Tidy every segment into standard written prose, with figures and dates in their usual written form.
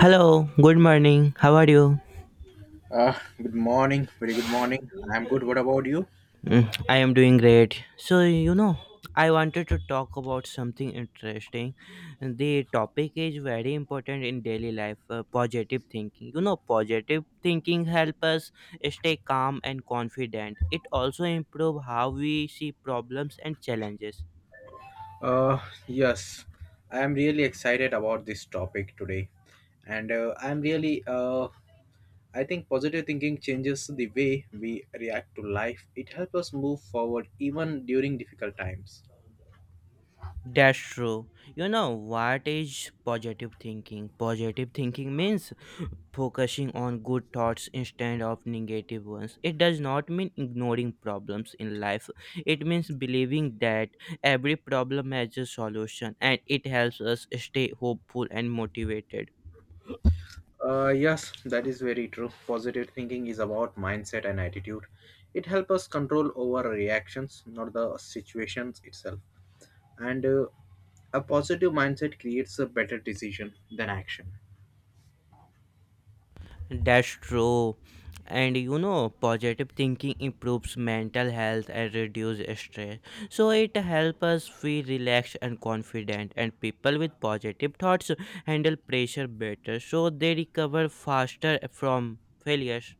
Hello, good morning. How are you? Good morning. Very good morning. I'm good. What about you? I am doing great. So, I wanted to talk about something interesting. The topic is very important in daily life, positive thinking. Positive thinking help us stay calm and confident. It also improve how we see problems and challenges. Uh, yes, I'm really excited about this topic today, and I think positive thinking changes the way we react to life. It helps us move forward even during difficult times. That's true. You know what is positive thinking? Positive thinking means focusing on good thoughts instead of negative ones. It does not mean ignoring problems in life. It means believing that every problem has a solution and it helps us stay hopeful and motivated. Yes, that is very true. Positive thinking is about mindset and attitude. It helps us control over reactions, not the situations itself. And a positive mindset creates a better decision than action. That's true. And positive thinking improves mental health and reduces stress. So it helps us feel relaxed and confident. And people with positive thoughts handle pressure better. So they recover faster from failures.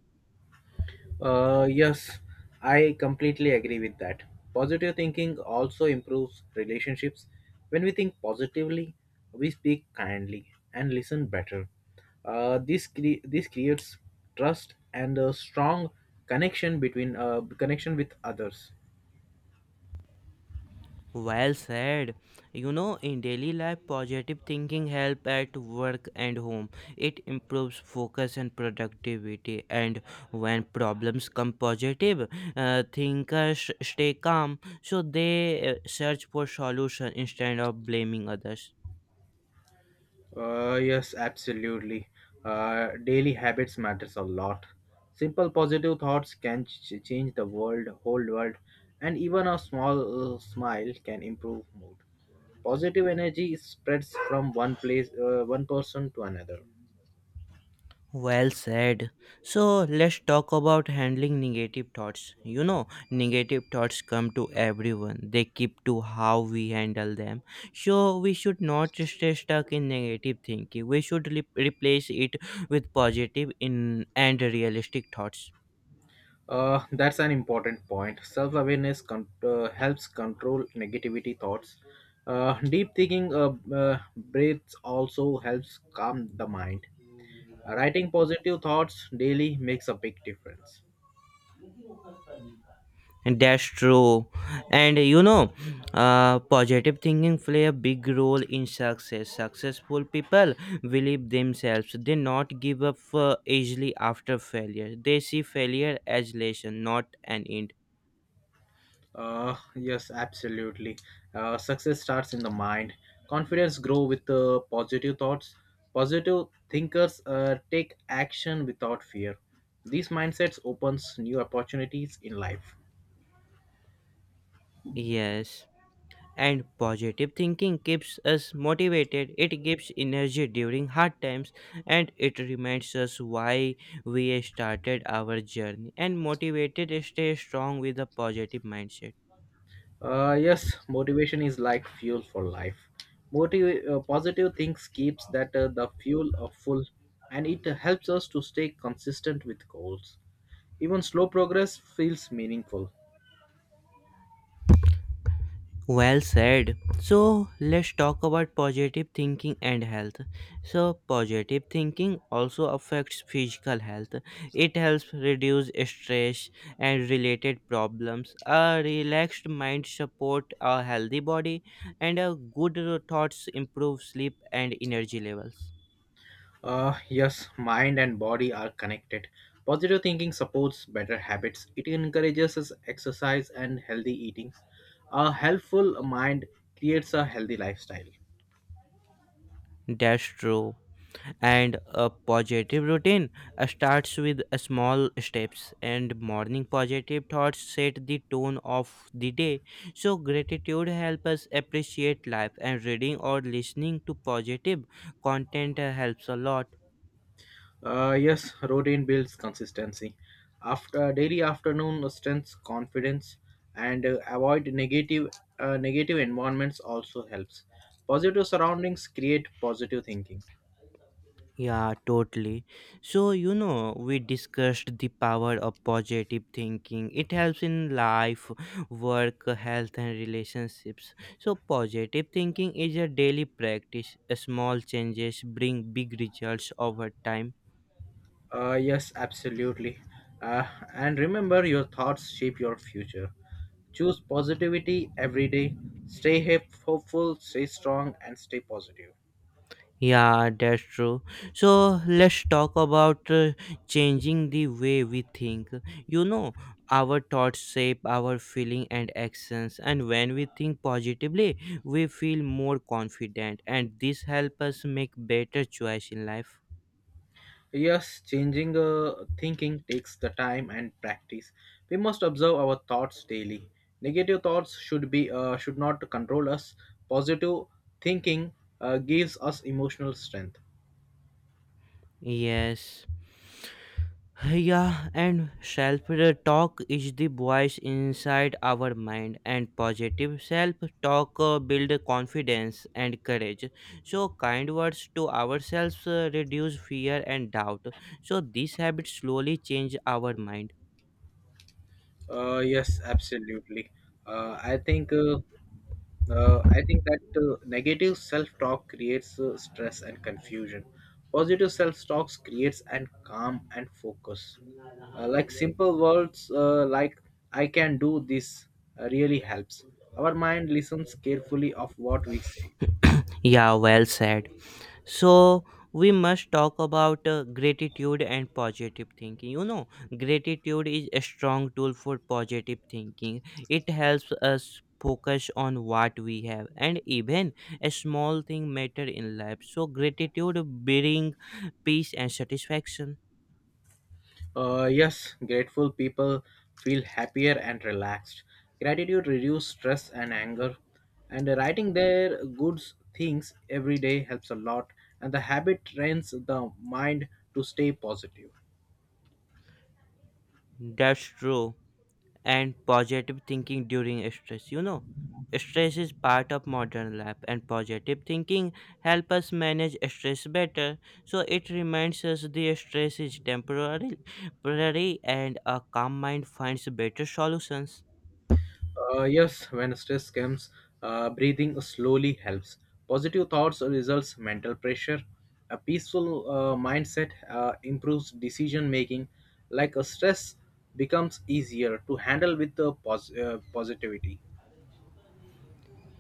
Yes, I completely agree with that. Positive thinking also improves relationships. When we think positively, we speak kindly and listen better. This creates trust and a strong connection between uh, connection with others. Well said. In daily life, positive thinking help at work and home. It improves focus and productivity. And when problems come positive, thinkers stay calm, so they search for solution instead of blaming others. Yes, absolutely. Daily habits matters a lot. Simple positive thoughts can change the world, whole world, and even a small smile can improve mood. Positive energy spreads from one person to another. Well said. So let's talk about handling negative thoughts. Negative thoughts come to everyone, they keep to how we handle them. So we should not stay stuck in negative thinking, we should replace it with positive and realistic thoughts. That's an important point. Self awareness helps control negativity thoughts. Deep thinking breaths also helps calm the mind. Writing positive thoughts daily makes a big difference. That's true. And positive thinking play a big role in success. Successful people believe themselves. They not give up easily after failure. They see failure as lesson, not an end. Yes, absolutely. Success starts in the mind. Confidence grow with positive thoughts. Positive thinkers take action without fear. These mindsets opens new opportunities in life. Yes. And positive thinking keeps us motivated. It gives energy during hard times and it reminds us why we started our journey. And motivated stay strong with a positive mindset. Yes, motivation is like fuel for life. Positive things keeps that the fuel of full, and it helps us to stay consistent with goals. Even slow progress feels meaningful. Well said. So let's talk about positive thinking and health. So positive thinking also affects physical health. It helps reduce stress and related problems. A relaxed mind support a healthy body and a good thoughts improve sleep and energy levels. Yes, mind and body are connected. Positive thinking supports better habits. It encourages us exercise and healthy eating. A helpful mind creates a healthy lifestyle. That's true. And a positive routine starts with a small steps, and morning positive thoughts set the tone of the day. So gratitude helps us appreciate life, and reading or listening to positive content helps a lot. Yes, routine builds consistency. After daily afternoon strengths confidence and avoid negative environments also helps. Positive surroundings create positive thinking. Yeah, totally. So, we discussed the power of positive thinking. It helps in life, work, health, and relationships. So, positive thinking is a daily practice. Small changes bring big results over time. Yes, absolutely. Uh, and remember, your thoughts shape your future. Choose positivity every day. Stay hopeful, stay strong, and stay positive. Yeah, that's true. So let's talk about changing the way we think. You know, our thoughts shape our feeling and actions, and when we think positively, we feel more confident, and this helps us make better choice in life. Yes, changing thinking takes the time and practice. We must observe our thoughts daily. Negative thoughts should not control us. Positive thinking gives us emotional strength. Yes. Yeah, and self talk is the voice inside our mind, and positive self talk build confidence and courage. So, kind words to ourselves reduce fear and doubt. So, this habit slowly change our mind. Yes, absolutely. Uh, I think uh, I think that negative self-talk creates stress and confusion. Positive self-talk creates and calm and focus. Like simple words like "I can do this" really helps. Our mind listens carefully of what we say. Yeah, well said. So we must talk about gratitude and positive thinking. Gratitude is a strong tool for positive thinking. It helps us focus on what we have and even a small thing matter in life. So gratitude bring peace and satisfaction. Yes, grateful people feel happier and relaxed. Gratitude reduces stress and anger, and writing their good things every day helps a lot. And the habit trains the mind to stay positive. That's true. And positive thinking during stress. Stress is part of modern life, and positive thinking help us manage stress better. So it reminds us the stress is temporary, and a calm mind finds better solutions. Yes, when stress comes, breathing slowly helps. Positive thoughts results mental pressure. A peaceful mindset improves decision making. Like a stress becomes easier to handle with the positivity.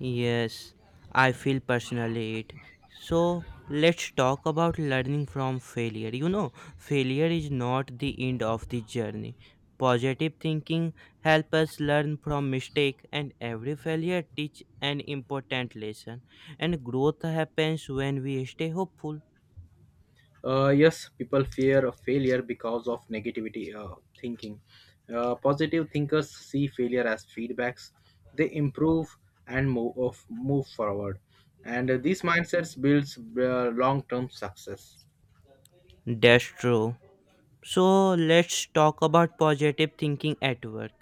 Yes, I feel personally it. So let's talk about learning from failure. Failure is not the end of the journey. Positive thinking helps us learn from mistake and every failure teach an important lesson and growth happens when we stay hopeful. Yes, people fear of failure because of negativity thinking. Positive thinkers see failure as feedbacks. They improve and move forward, and these mindsets builds long-term success. That's true. So let's talk about positive thinking at work.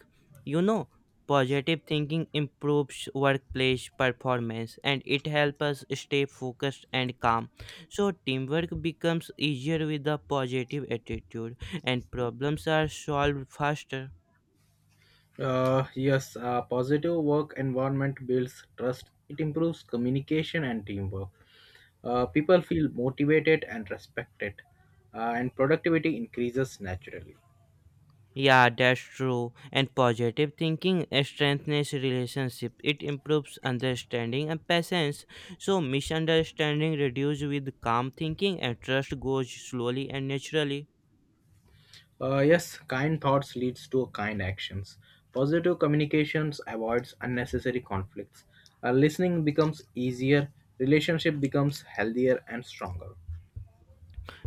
You know, positive thinking improves workplace performance and it helps us stay focused and calm. So teamwork becomes easier with a positive attitude and problems are solved faster. Yes, a positive work environment builds trust. It improves communication and teamwork. People feel motivated and respected, and productivity increases naturally. Yeah, that's true. And positive thinking strengthens relationship. It improves understanding and patience. So misunderstanding reduces with calm thinking and trust goes slowly and naturally. Yes, kind thoughts leads to kind actions. Positive communications avoids unnecessary conflicts. Listening becomes easier, relationship becomes healthier and stronger.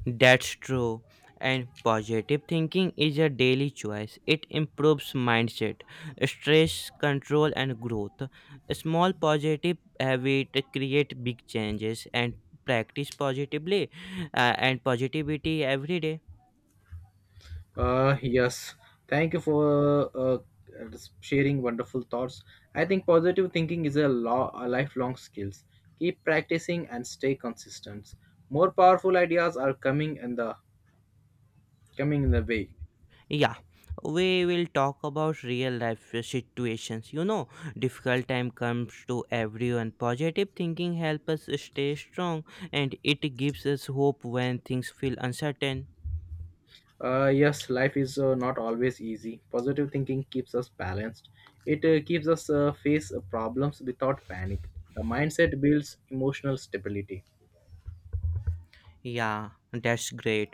That's true. And positive thinking is a daily choice. It improves mindset, stress control and growth. A small positive habit create big changes and practice positively and positivity every day. Yes, thank you for sharing wonderful thoughts. I think positive thinking is a lifelong skills. Keep practicing and stay consistent. More powerful ideas are coming in the way. Yeah, we will talk about real life situations. Difficult time comes to everyone. Positive thinking helps us stay strong and it gives us hope when things feel uncertain. Yes, life is not always easy. Positive thinking keeps us balanced. It keeps us face problems without panic. The mindset builds emotional stability. Yeah, that's great.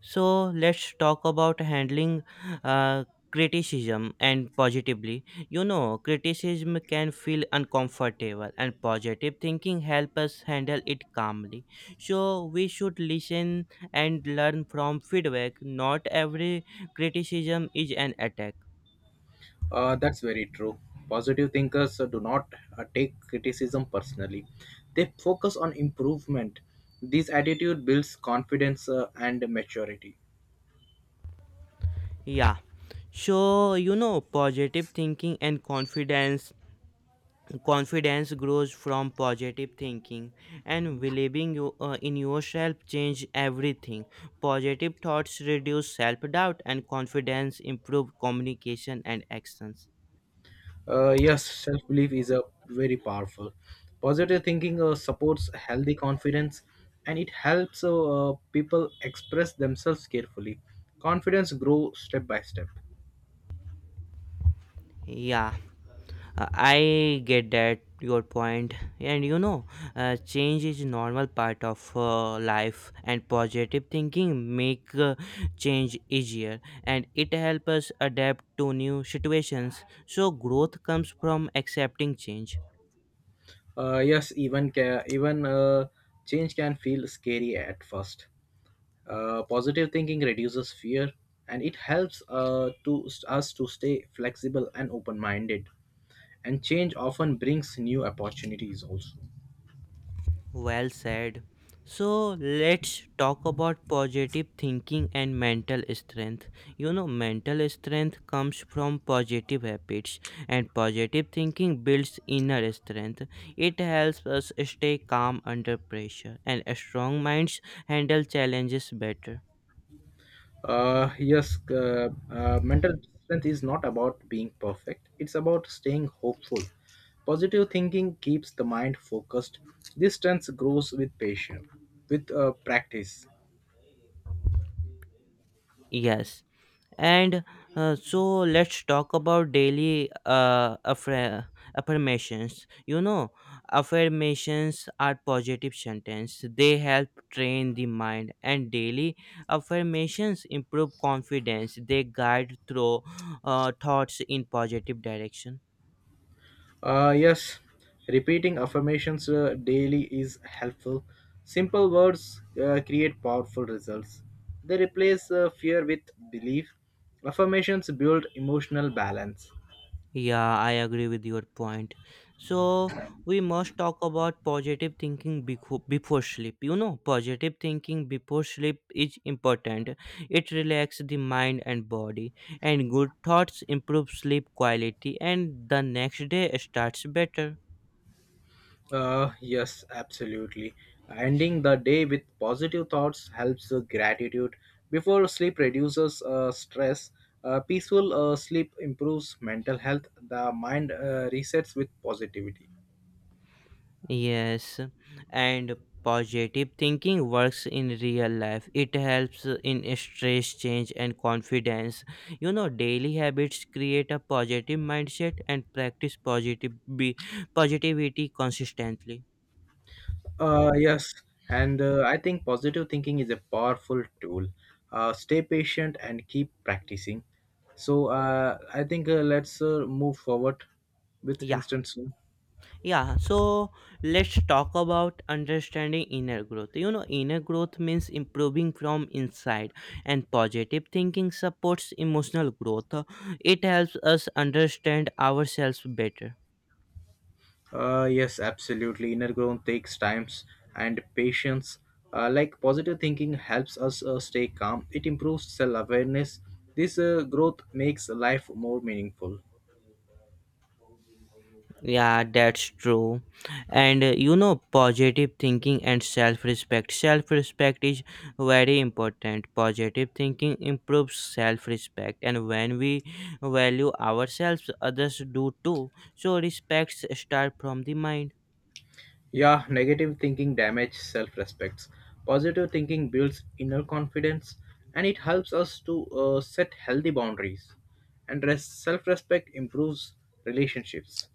So let's talk about handling uh, criticism and positively. Criticism can feel uncomfortable, and positive thinking help us handle it calmly. So we should listen and learn from feedback. Not every criticism is an attack. That's very true. Positive thinkers do not take criticism personally. They focus on improvement. This attitude builds confidence and maturity. Yeah. So positive thinking and confidence. Confidence grows from positive thinking and believing in yourself change everything. Positive thoughts reduce self-doubt and confidence improve communication and actions. Yes, self belief is a very powerful. Positive thinking supports healthy confidence and it helps people express themselves carefully. Confidence grows step by step. Yeah, I get that your point. And change is normal part of life, and positive thinking make change easier, and it helps us adapt to new situations, so growth comes from accepting change. Yes, even even change can feel scary at first. Positive thinking reduces fear and it helps to us to stay flexible and open minded. And change often brings new opportunities also. Well said. So let's talk about positive thinking and mental strength. Mental strength comes from positive habits, and positive thinking builds inner strength. It helps us stay calm under pressure, and strong minds handle challenges better. Yes, mental strength is not about being perfect, it's about staying hopeful. Positive thinking keeps the mind focused. This strength grows with patience, with practice. Yes. And so let's talk about daily affirmations. Affirmations are positive sentence. They help train the mind, and daily affirmations improve confidence. They guide through thoughts in positive direction. Yes, repeating affirmations daily is helpful. Simple words create powerful results. They replace fear with belief. Affirmations build emotional balance. Yeah, I agree with your point. So, we must talk about positive thinking before sleep. Positive thinking before sleep is important. It relaxes the mind and body, and good thoughts improve sleep quality, and the next day starts better. Yes, absolutely. Ending the day with positive thoughts helps gratitude. Before sleep reduces stress, peaceful sleep improves mental health. The mind resets with positivity. Yes, and positive thinking works in real life. It helps in stress change and confidence. Daily habits create a positive mindset and practice positive be positivity consistently. Yes, and I think positive thinking is a powerful tool. Stay patient and keep practicing. So I think let's move forward with Yeah, instance. yeah. So let's talk about understanding inner growth. Inner growth means improving from inside, and positive thinking supports emotional growth. It helps us understand ourselves better. Yes, absolutely. Inner growth takes times and patience. Like positive thinking helps us stay calm. It improves self-awareness. This growth makes life more meaningful. Yeah, that's true. And positive thinking and self respect. Self respect is very important. Positive thinking improves self respect, and when we value ourselves, others do too. So, respects start from the mind. Yeah, negative thinking damages self-respect. Positive thinking builds inner confidence and it helps us to set healthy boundaries. And self-respect improves relationships.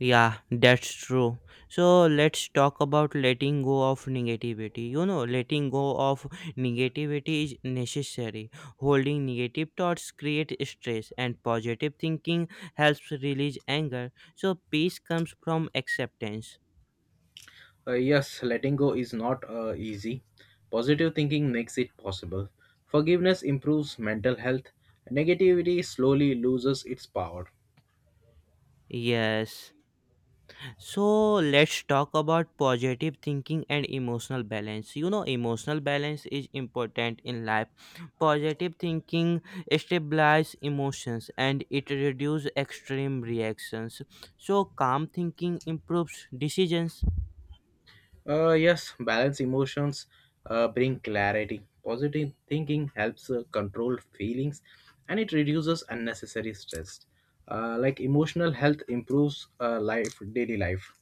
Yeah, that's true. So let's talk about letting go of negativity. Letting go of negativity is necessary. Holding negative thoughts create stress and positive thinking helps release anger. So peace comes from acceptance. Yes, letting go is not easy. Positive thinking makes it possible. Forgiveness improves mental health. Negativity slowly loses its power. Yes. So let's talk about positive thinking and emotional balance. Emotional balance is important in life. Positive thinking stabilizes emotions and it reduces extreme reactions. So calm thinking improves decisions. Yes, balance emotions bring clarity. Positive thinking helps control feelings and it reduces unnecessary stress. Like emotional health improves life daily life.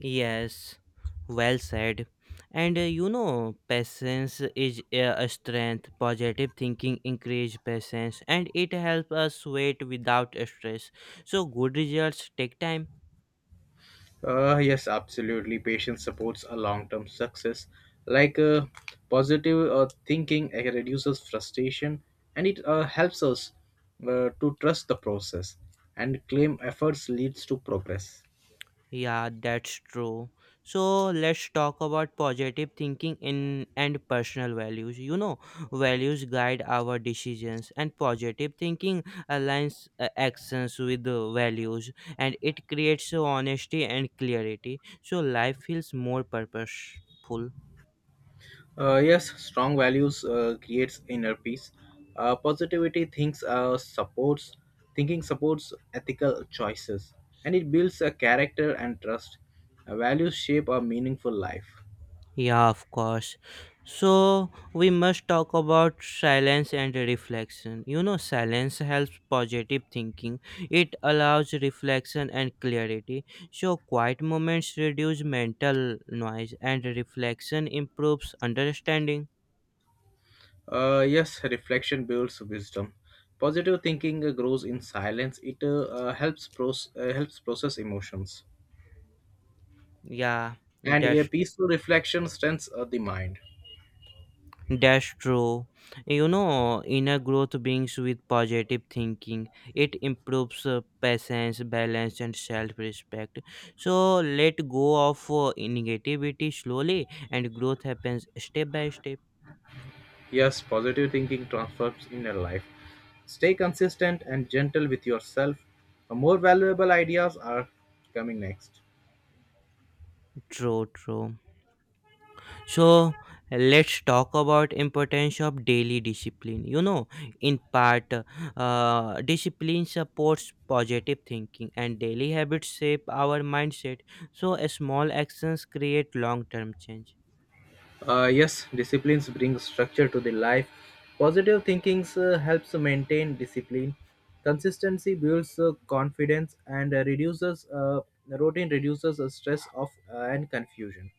Yes, well said. And patience is a strength. Positive thinking increase patience and it helps us wait without stress. So good results take time. Yes, absolutely. Patience supports a long-term success. Like positive thinking reduces frustration, and it helps us to trust the process and claim efforts leads to progress. Yeah, that's true. So let's talk about positive thinking in and personal values. Values guide our decisions, and positive thinking aligns actions with the values, and it creates honesty and clarity. So life feels more purposeful. Yes, strong values creates inner peace. Positivity thinks supports thinking supports ethical choices, and it builds a character and trust. Values shape a meaningful life. Yeah, of course. So, we must talk about silence and reflection. Silence helps positive thinking, it allows reflection and clarity. So, quiet moments reduce mental noise, and reflection improves understanding. Yes, reflection builds wisdom. Positive thinking grows in silence. It helps process emotions, Yeah, and a that's peaceful reflection strengthens the mind. That's true. Inner growth brings with positive thinking. It improves patience, balance, and self respect. So let go of negativity slowly, and growth happens step by step. Yes, positive thinking transforms inner life. Stay consistent and gentle with yourself. More valuable ideas are coming next. True, true. So let's talk about importance of daily discipline. In part, discipline supports positive thinking, and daily habits shape our mindset. So small actions create long-term change. Yes, disciplines bring structure to the life. Positive thinking helps maintain discipline. Consistency builds confidence and reduces routine reduces stress of and confusion.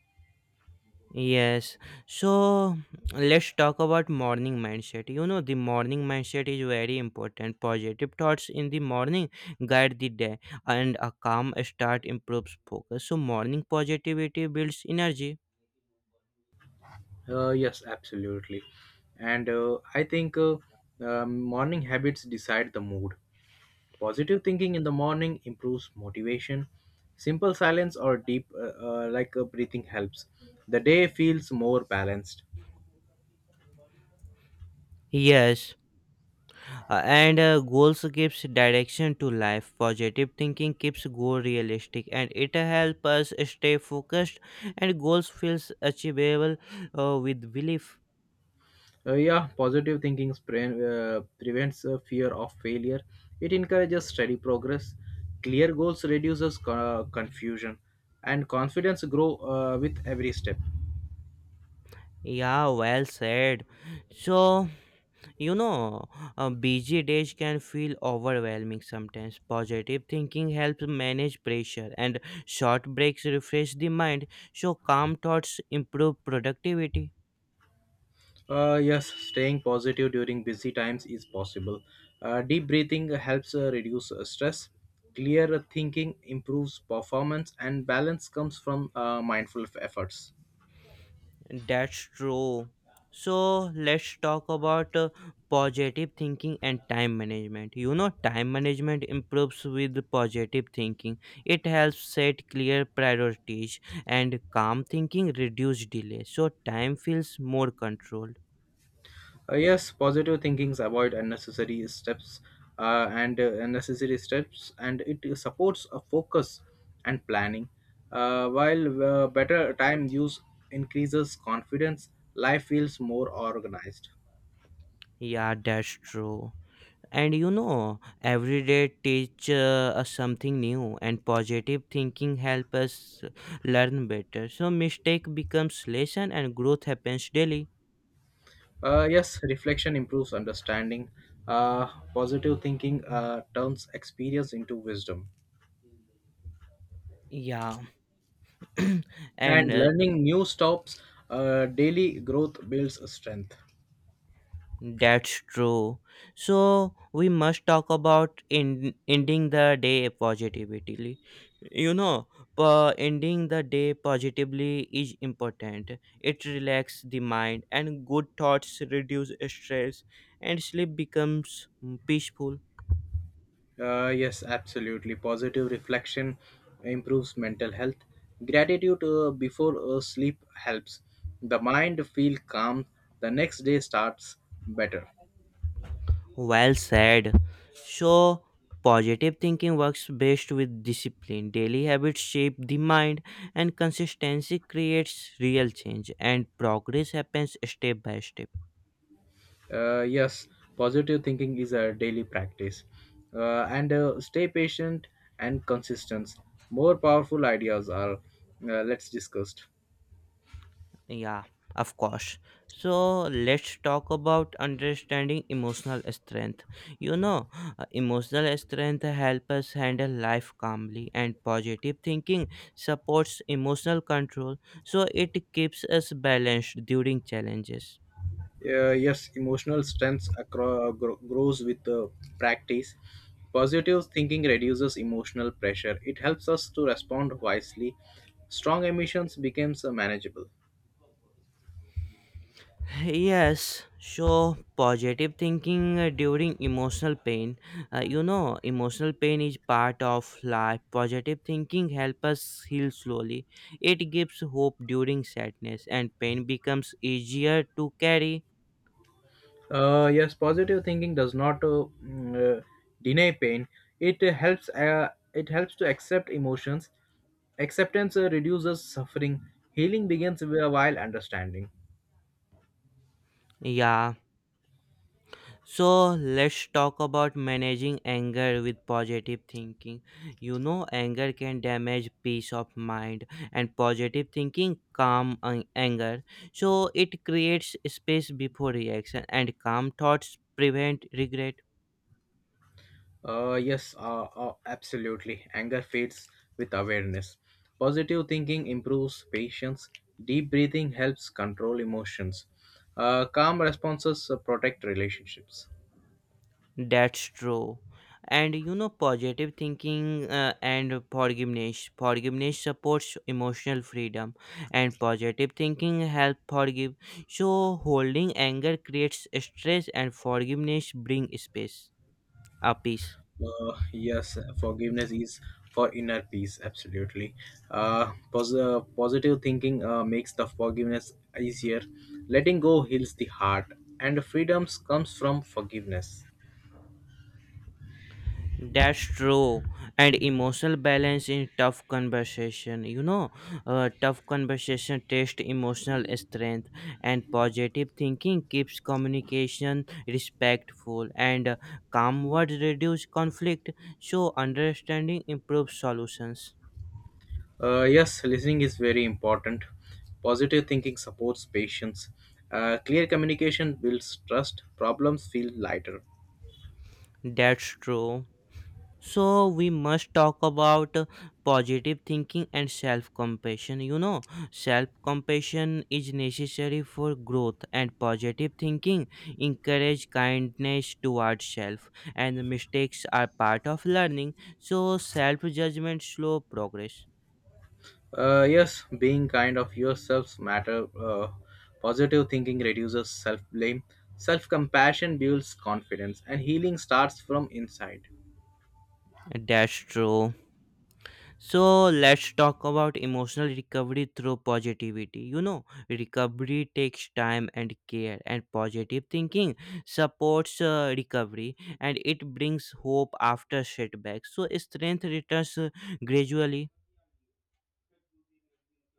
Yes. So let's talk about morning mindset. The morning mindset is very important. Positive thoughts in the morning guide the day, and a calm start improves focus. So morning positivity builds energy. Yes, absolutely. And I think morning habits decide the mood. Positive thinking in the morning improves motivation. Simple silence or deep, like breathing, helps. The day feels more balanced. Yes. And goals gives direction to life. Positive thinking keeps goal realistic, and it helps us stay focused, and goals feels achievable with belief. Yeah, positive thinking prevents fear of failure. It encourages steady progress. Clear goals reduces confusion, and confidence grow with every step. Yeah, well said. So, you know busy days can feel overwhelming sometimes. Positive thinking helps manage pressure, and short breaks refresh the mind. So calm thoughts improve productivity. Yes, staying positive during busy times is possible. Deep breathing helps reduce stress. Clear thinking improves performance, and balance comes from mindful efforts. That's true. So let's talk about positive thinking and time management. Time management improves with positive thinking. It helps set clear priorities and calm thinking reduce delay. So time feels more controlled. Yes, positive thinkings avoid unnecessary steps and it supports a focus and planning. While better time use increases confidence, life feels more organized. Yeah, that's true. And every day teach us something new, and positive thinking help us learn better. So mistake becomes lesson, and growth happens daily. Yes, reflection improves understanding. Positive thinking turns experience into wisdom, Yeah, and and learning new stops. Daily growth builds strength. that's true. So we must talk about in ending the day positively. You know, ending the day positively is important. It relaxes the mind, and good thoughts reduce stress, and sleep becomes peaceful. Yes, absolutely. Positive reflection improves mental health. Gratitude before sleep helps the mind feel calm. The next day starts better. Well said. So, positive thinking works best with discipline. Daily habits shape the mind, and consistency creates real change, and progress happens step by step. Yes, positive thinking is a daily practice. And stay patient and consistent. More powerful ideas are let's discussed. Yeah, of course. So, let's talk about understanding emotional strength. You know, emotional strength helps us handle life calmly, and positive thinking supports emotional control, so it keeps us balanced during challenges. Yes, emotional strength grows with practice. Positive thinking reduces emotional pressure. It helps us to respond wisely. Strong emotions becomes manageable. Yes, so positive thinking during emotional pain. You know, emotional pain is part of life. Positive thinking helps us heal slowly. It gives hope during sadness, and pain becomes easier to carry. Yes, positive thinking does not deny pain. It helps. It helps to accept emotions. Acceptance reduces suffering. Healing begins while understanding. Yeah. So let's talk about managing anger with positive thinking. You know, anger can damage peace of mind, and positive thinking calm anger. So it creates space before reaction, and calm thoughts prevent regret. Yes, absolutely. Anger fades with awareness. Positive thinking improves patience. Deep breathing helps control emotions. Calm responses protect relationships. That's true. And you know, positive thinking and forgiveness. Forgiveness supports emotional freedom, and positive thinking help forgive. So, holding anger creates stress, and forgiveness brings space, a peace. Yes, forgiveness is for inner peace. Absolutely. Positive thinking makes the forgiveness easier. Letting go heals the heart, and freedoms comes from forgiveness. That's true. And emotional balance in tough conversation. You know, tough conversation test emotional strength, and positive thinking keeps communication respectful, and calm words reduce conflict. So, understanding improves solutions. Yes, listening is very important. Positive thinking supports patience. Clear communication builds trust. Problems feel lighter. That's true. So we must talk about positive thinking and self compassion. You know, self compassion is necessary for growth, and positive thinking encourage kindness towards self. And mistakes are part of learning. So self judgment slow progress. Yes, being kind of yourselves matter. Positive thinking reduces self blame. Self compassion builds confidence, and healing starts from inside. That's true. So let's talk about emotional recovery through positivity. You know, recovery takes time and care, and positive thinking supports recovery and it brings hope after setbacks. So, strength returns gradually.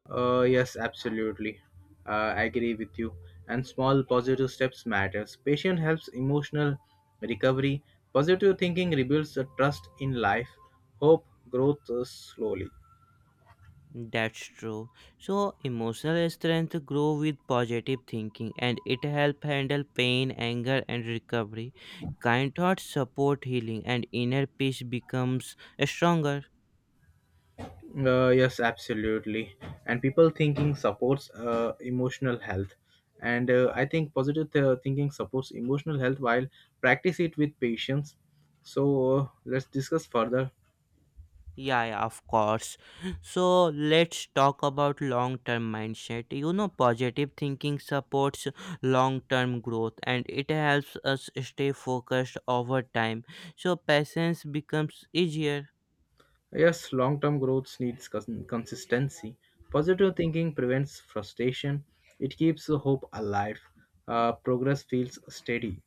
Yes, absolutely. I agree with you. And small positive steps matters. Patient helps emotional recovery. Positive thinking rebuilds the trust in life. Hope growth slowly. That's true. So, emotional strength grow with positive thinking and it help handle pain, anger, and recovery. Kind thoughts support healing, and inner peace becomes stronger. Yes, absolutely. And people thinking supports emotional health. And I think positive thinking supports emotional health while practice it with patience. So let's discuss further. Yeah, yeah, of course. So let's talk about long term mindset. You know, positive thinking supports long term growth and it helps us stay focused over time. So, patience becomes easier. Yes, long term growth needs consistency. Positive thinking prevents frustration, it keeps the hope alive, progress feels steady.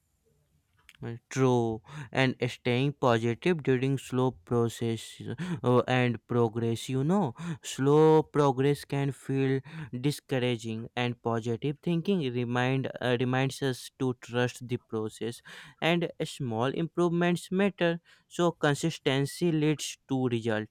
True, and staying positive during slow process and progress, you know, slow progress can feel discouraging, and positive thinking reminds us to trust the process, and small improvements matter. So consistency leads to result.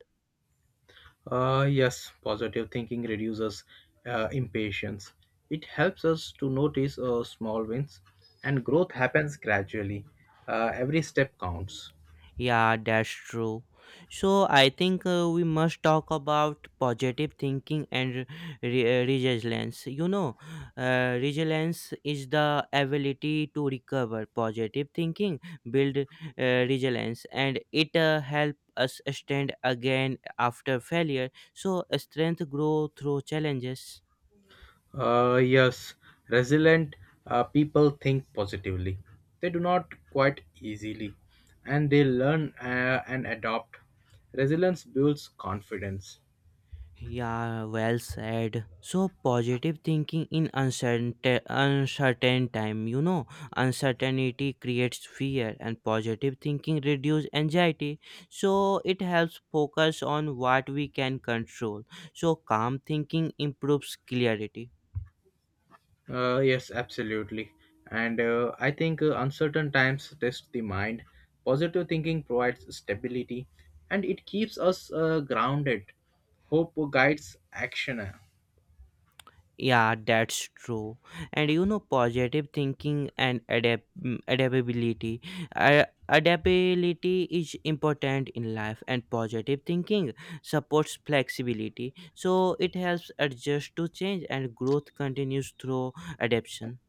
Yes, positive thinking reduces impatience. It helps us to notice small wins, and growth happens gradually. Every step counts. Yeah, that's true. So I think we must talk about positive thinking and resilience. You know, resilience is the ability to recover. Positive thinking build resilience, and it help us stand again after failure. So strength grow through challenges. Yes, resilient people think positively. They do not quite easily, and they learn and adopt. Resilience builds confidence. Yeah, well said. So positive thinking in uncertain time, you know, uncertainty creates fear and positive thinking reduces anxiety. So it helps focus on what we can control. So calm thinking improves clarity. Yes, absolutely. And I think uncertain times test the mind. Positive thinking provides stability, and it keeps us grounded. Hope guides action. Yeah, that's true. And you know, positive thinking and adaptability. Adaptability is important in life, and positive thinking supports flexibility. So it helps adjust to change, and growth continues through adaptation.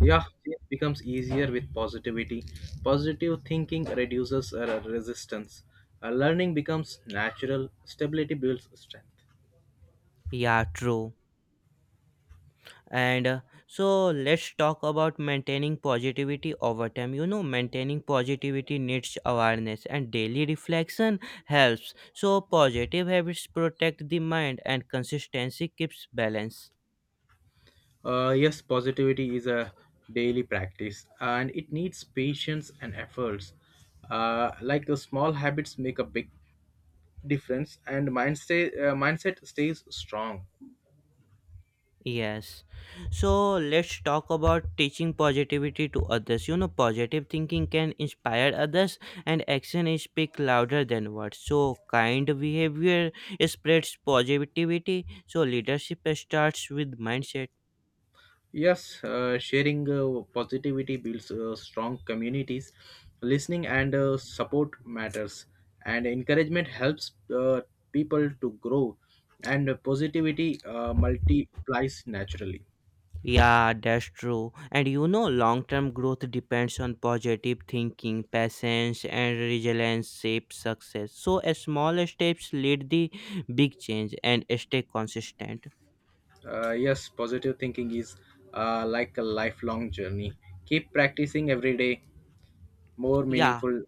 Yeah, it becomes easier with positivity. Positive thinking reduces resistance. Learning becomes natural. Stability builds strength. Yeah, true. And so let's talk about maintaining positivity over time. You know, maintaining positivity needs awareness, and daily reflection helps. So, positive habits protect the mind, and consistency keeps balance. Yes, positivity is a daily practice and it needs patience and efforts. Like the small habits make a big difference, and mindset stays strong. Yes. So, let's talk about teaching positivity to others. You know, positive thinking can inspire others, and action is speak louder than words. So, kind behavior spreads positivity. So, leadership starts with mindset. Yes, sharing positivity builds strong communities. Listening and support matters, and encouragement helps people to grow, and positivity multiplies naturally. Yeah, that's true. And you know, long term growth depends on positive thinking, patience, and resilience shape success. So, a small steps lead the big change and stay consistent. Yes, positive thinking is like a lifelong journey. Keep practicing every day, more Yeah, meaningful.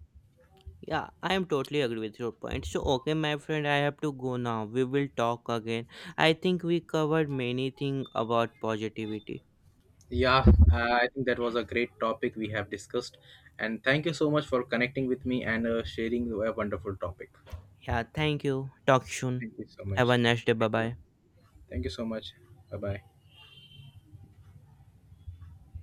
yeah, I am totally agree with your point. So, okay, my friend, I have to go now. We will talk again. I think we covered many things about positivity. Yeah, I think that was a great topic we have discussed, and thank you so much for connecting with me and sharing a wonderful topic. Yeah, thank you. Talk soon. Thank you so much. Have a nice day. Bye Thank you. bye. Thank you so much. Bye bye.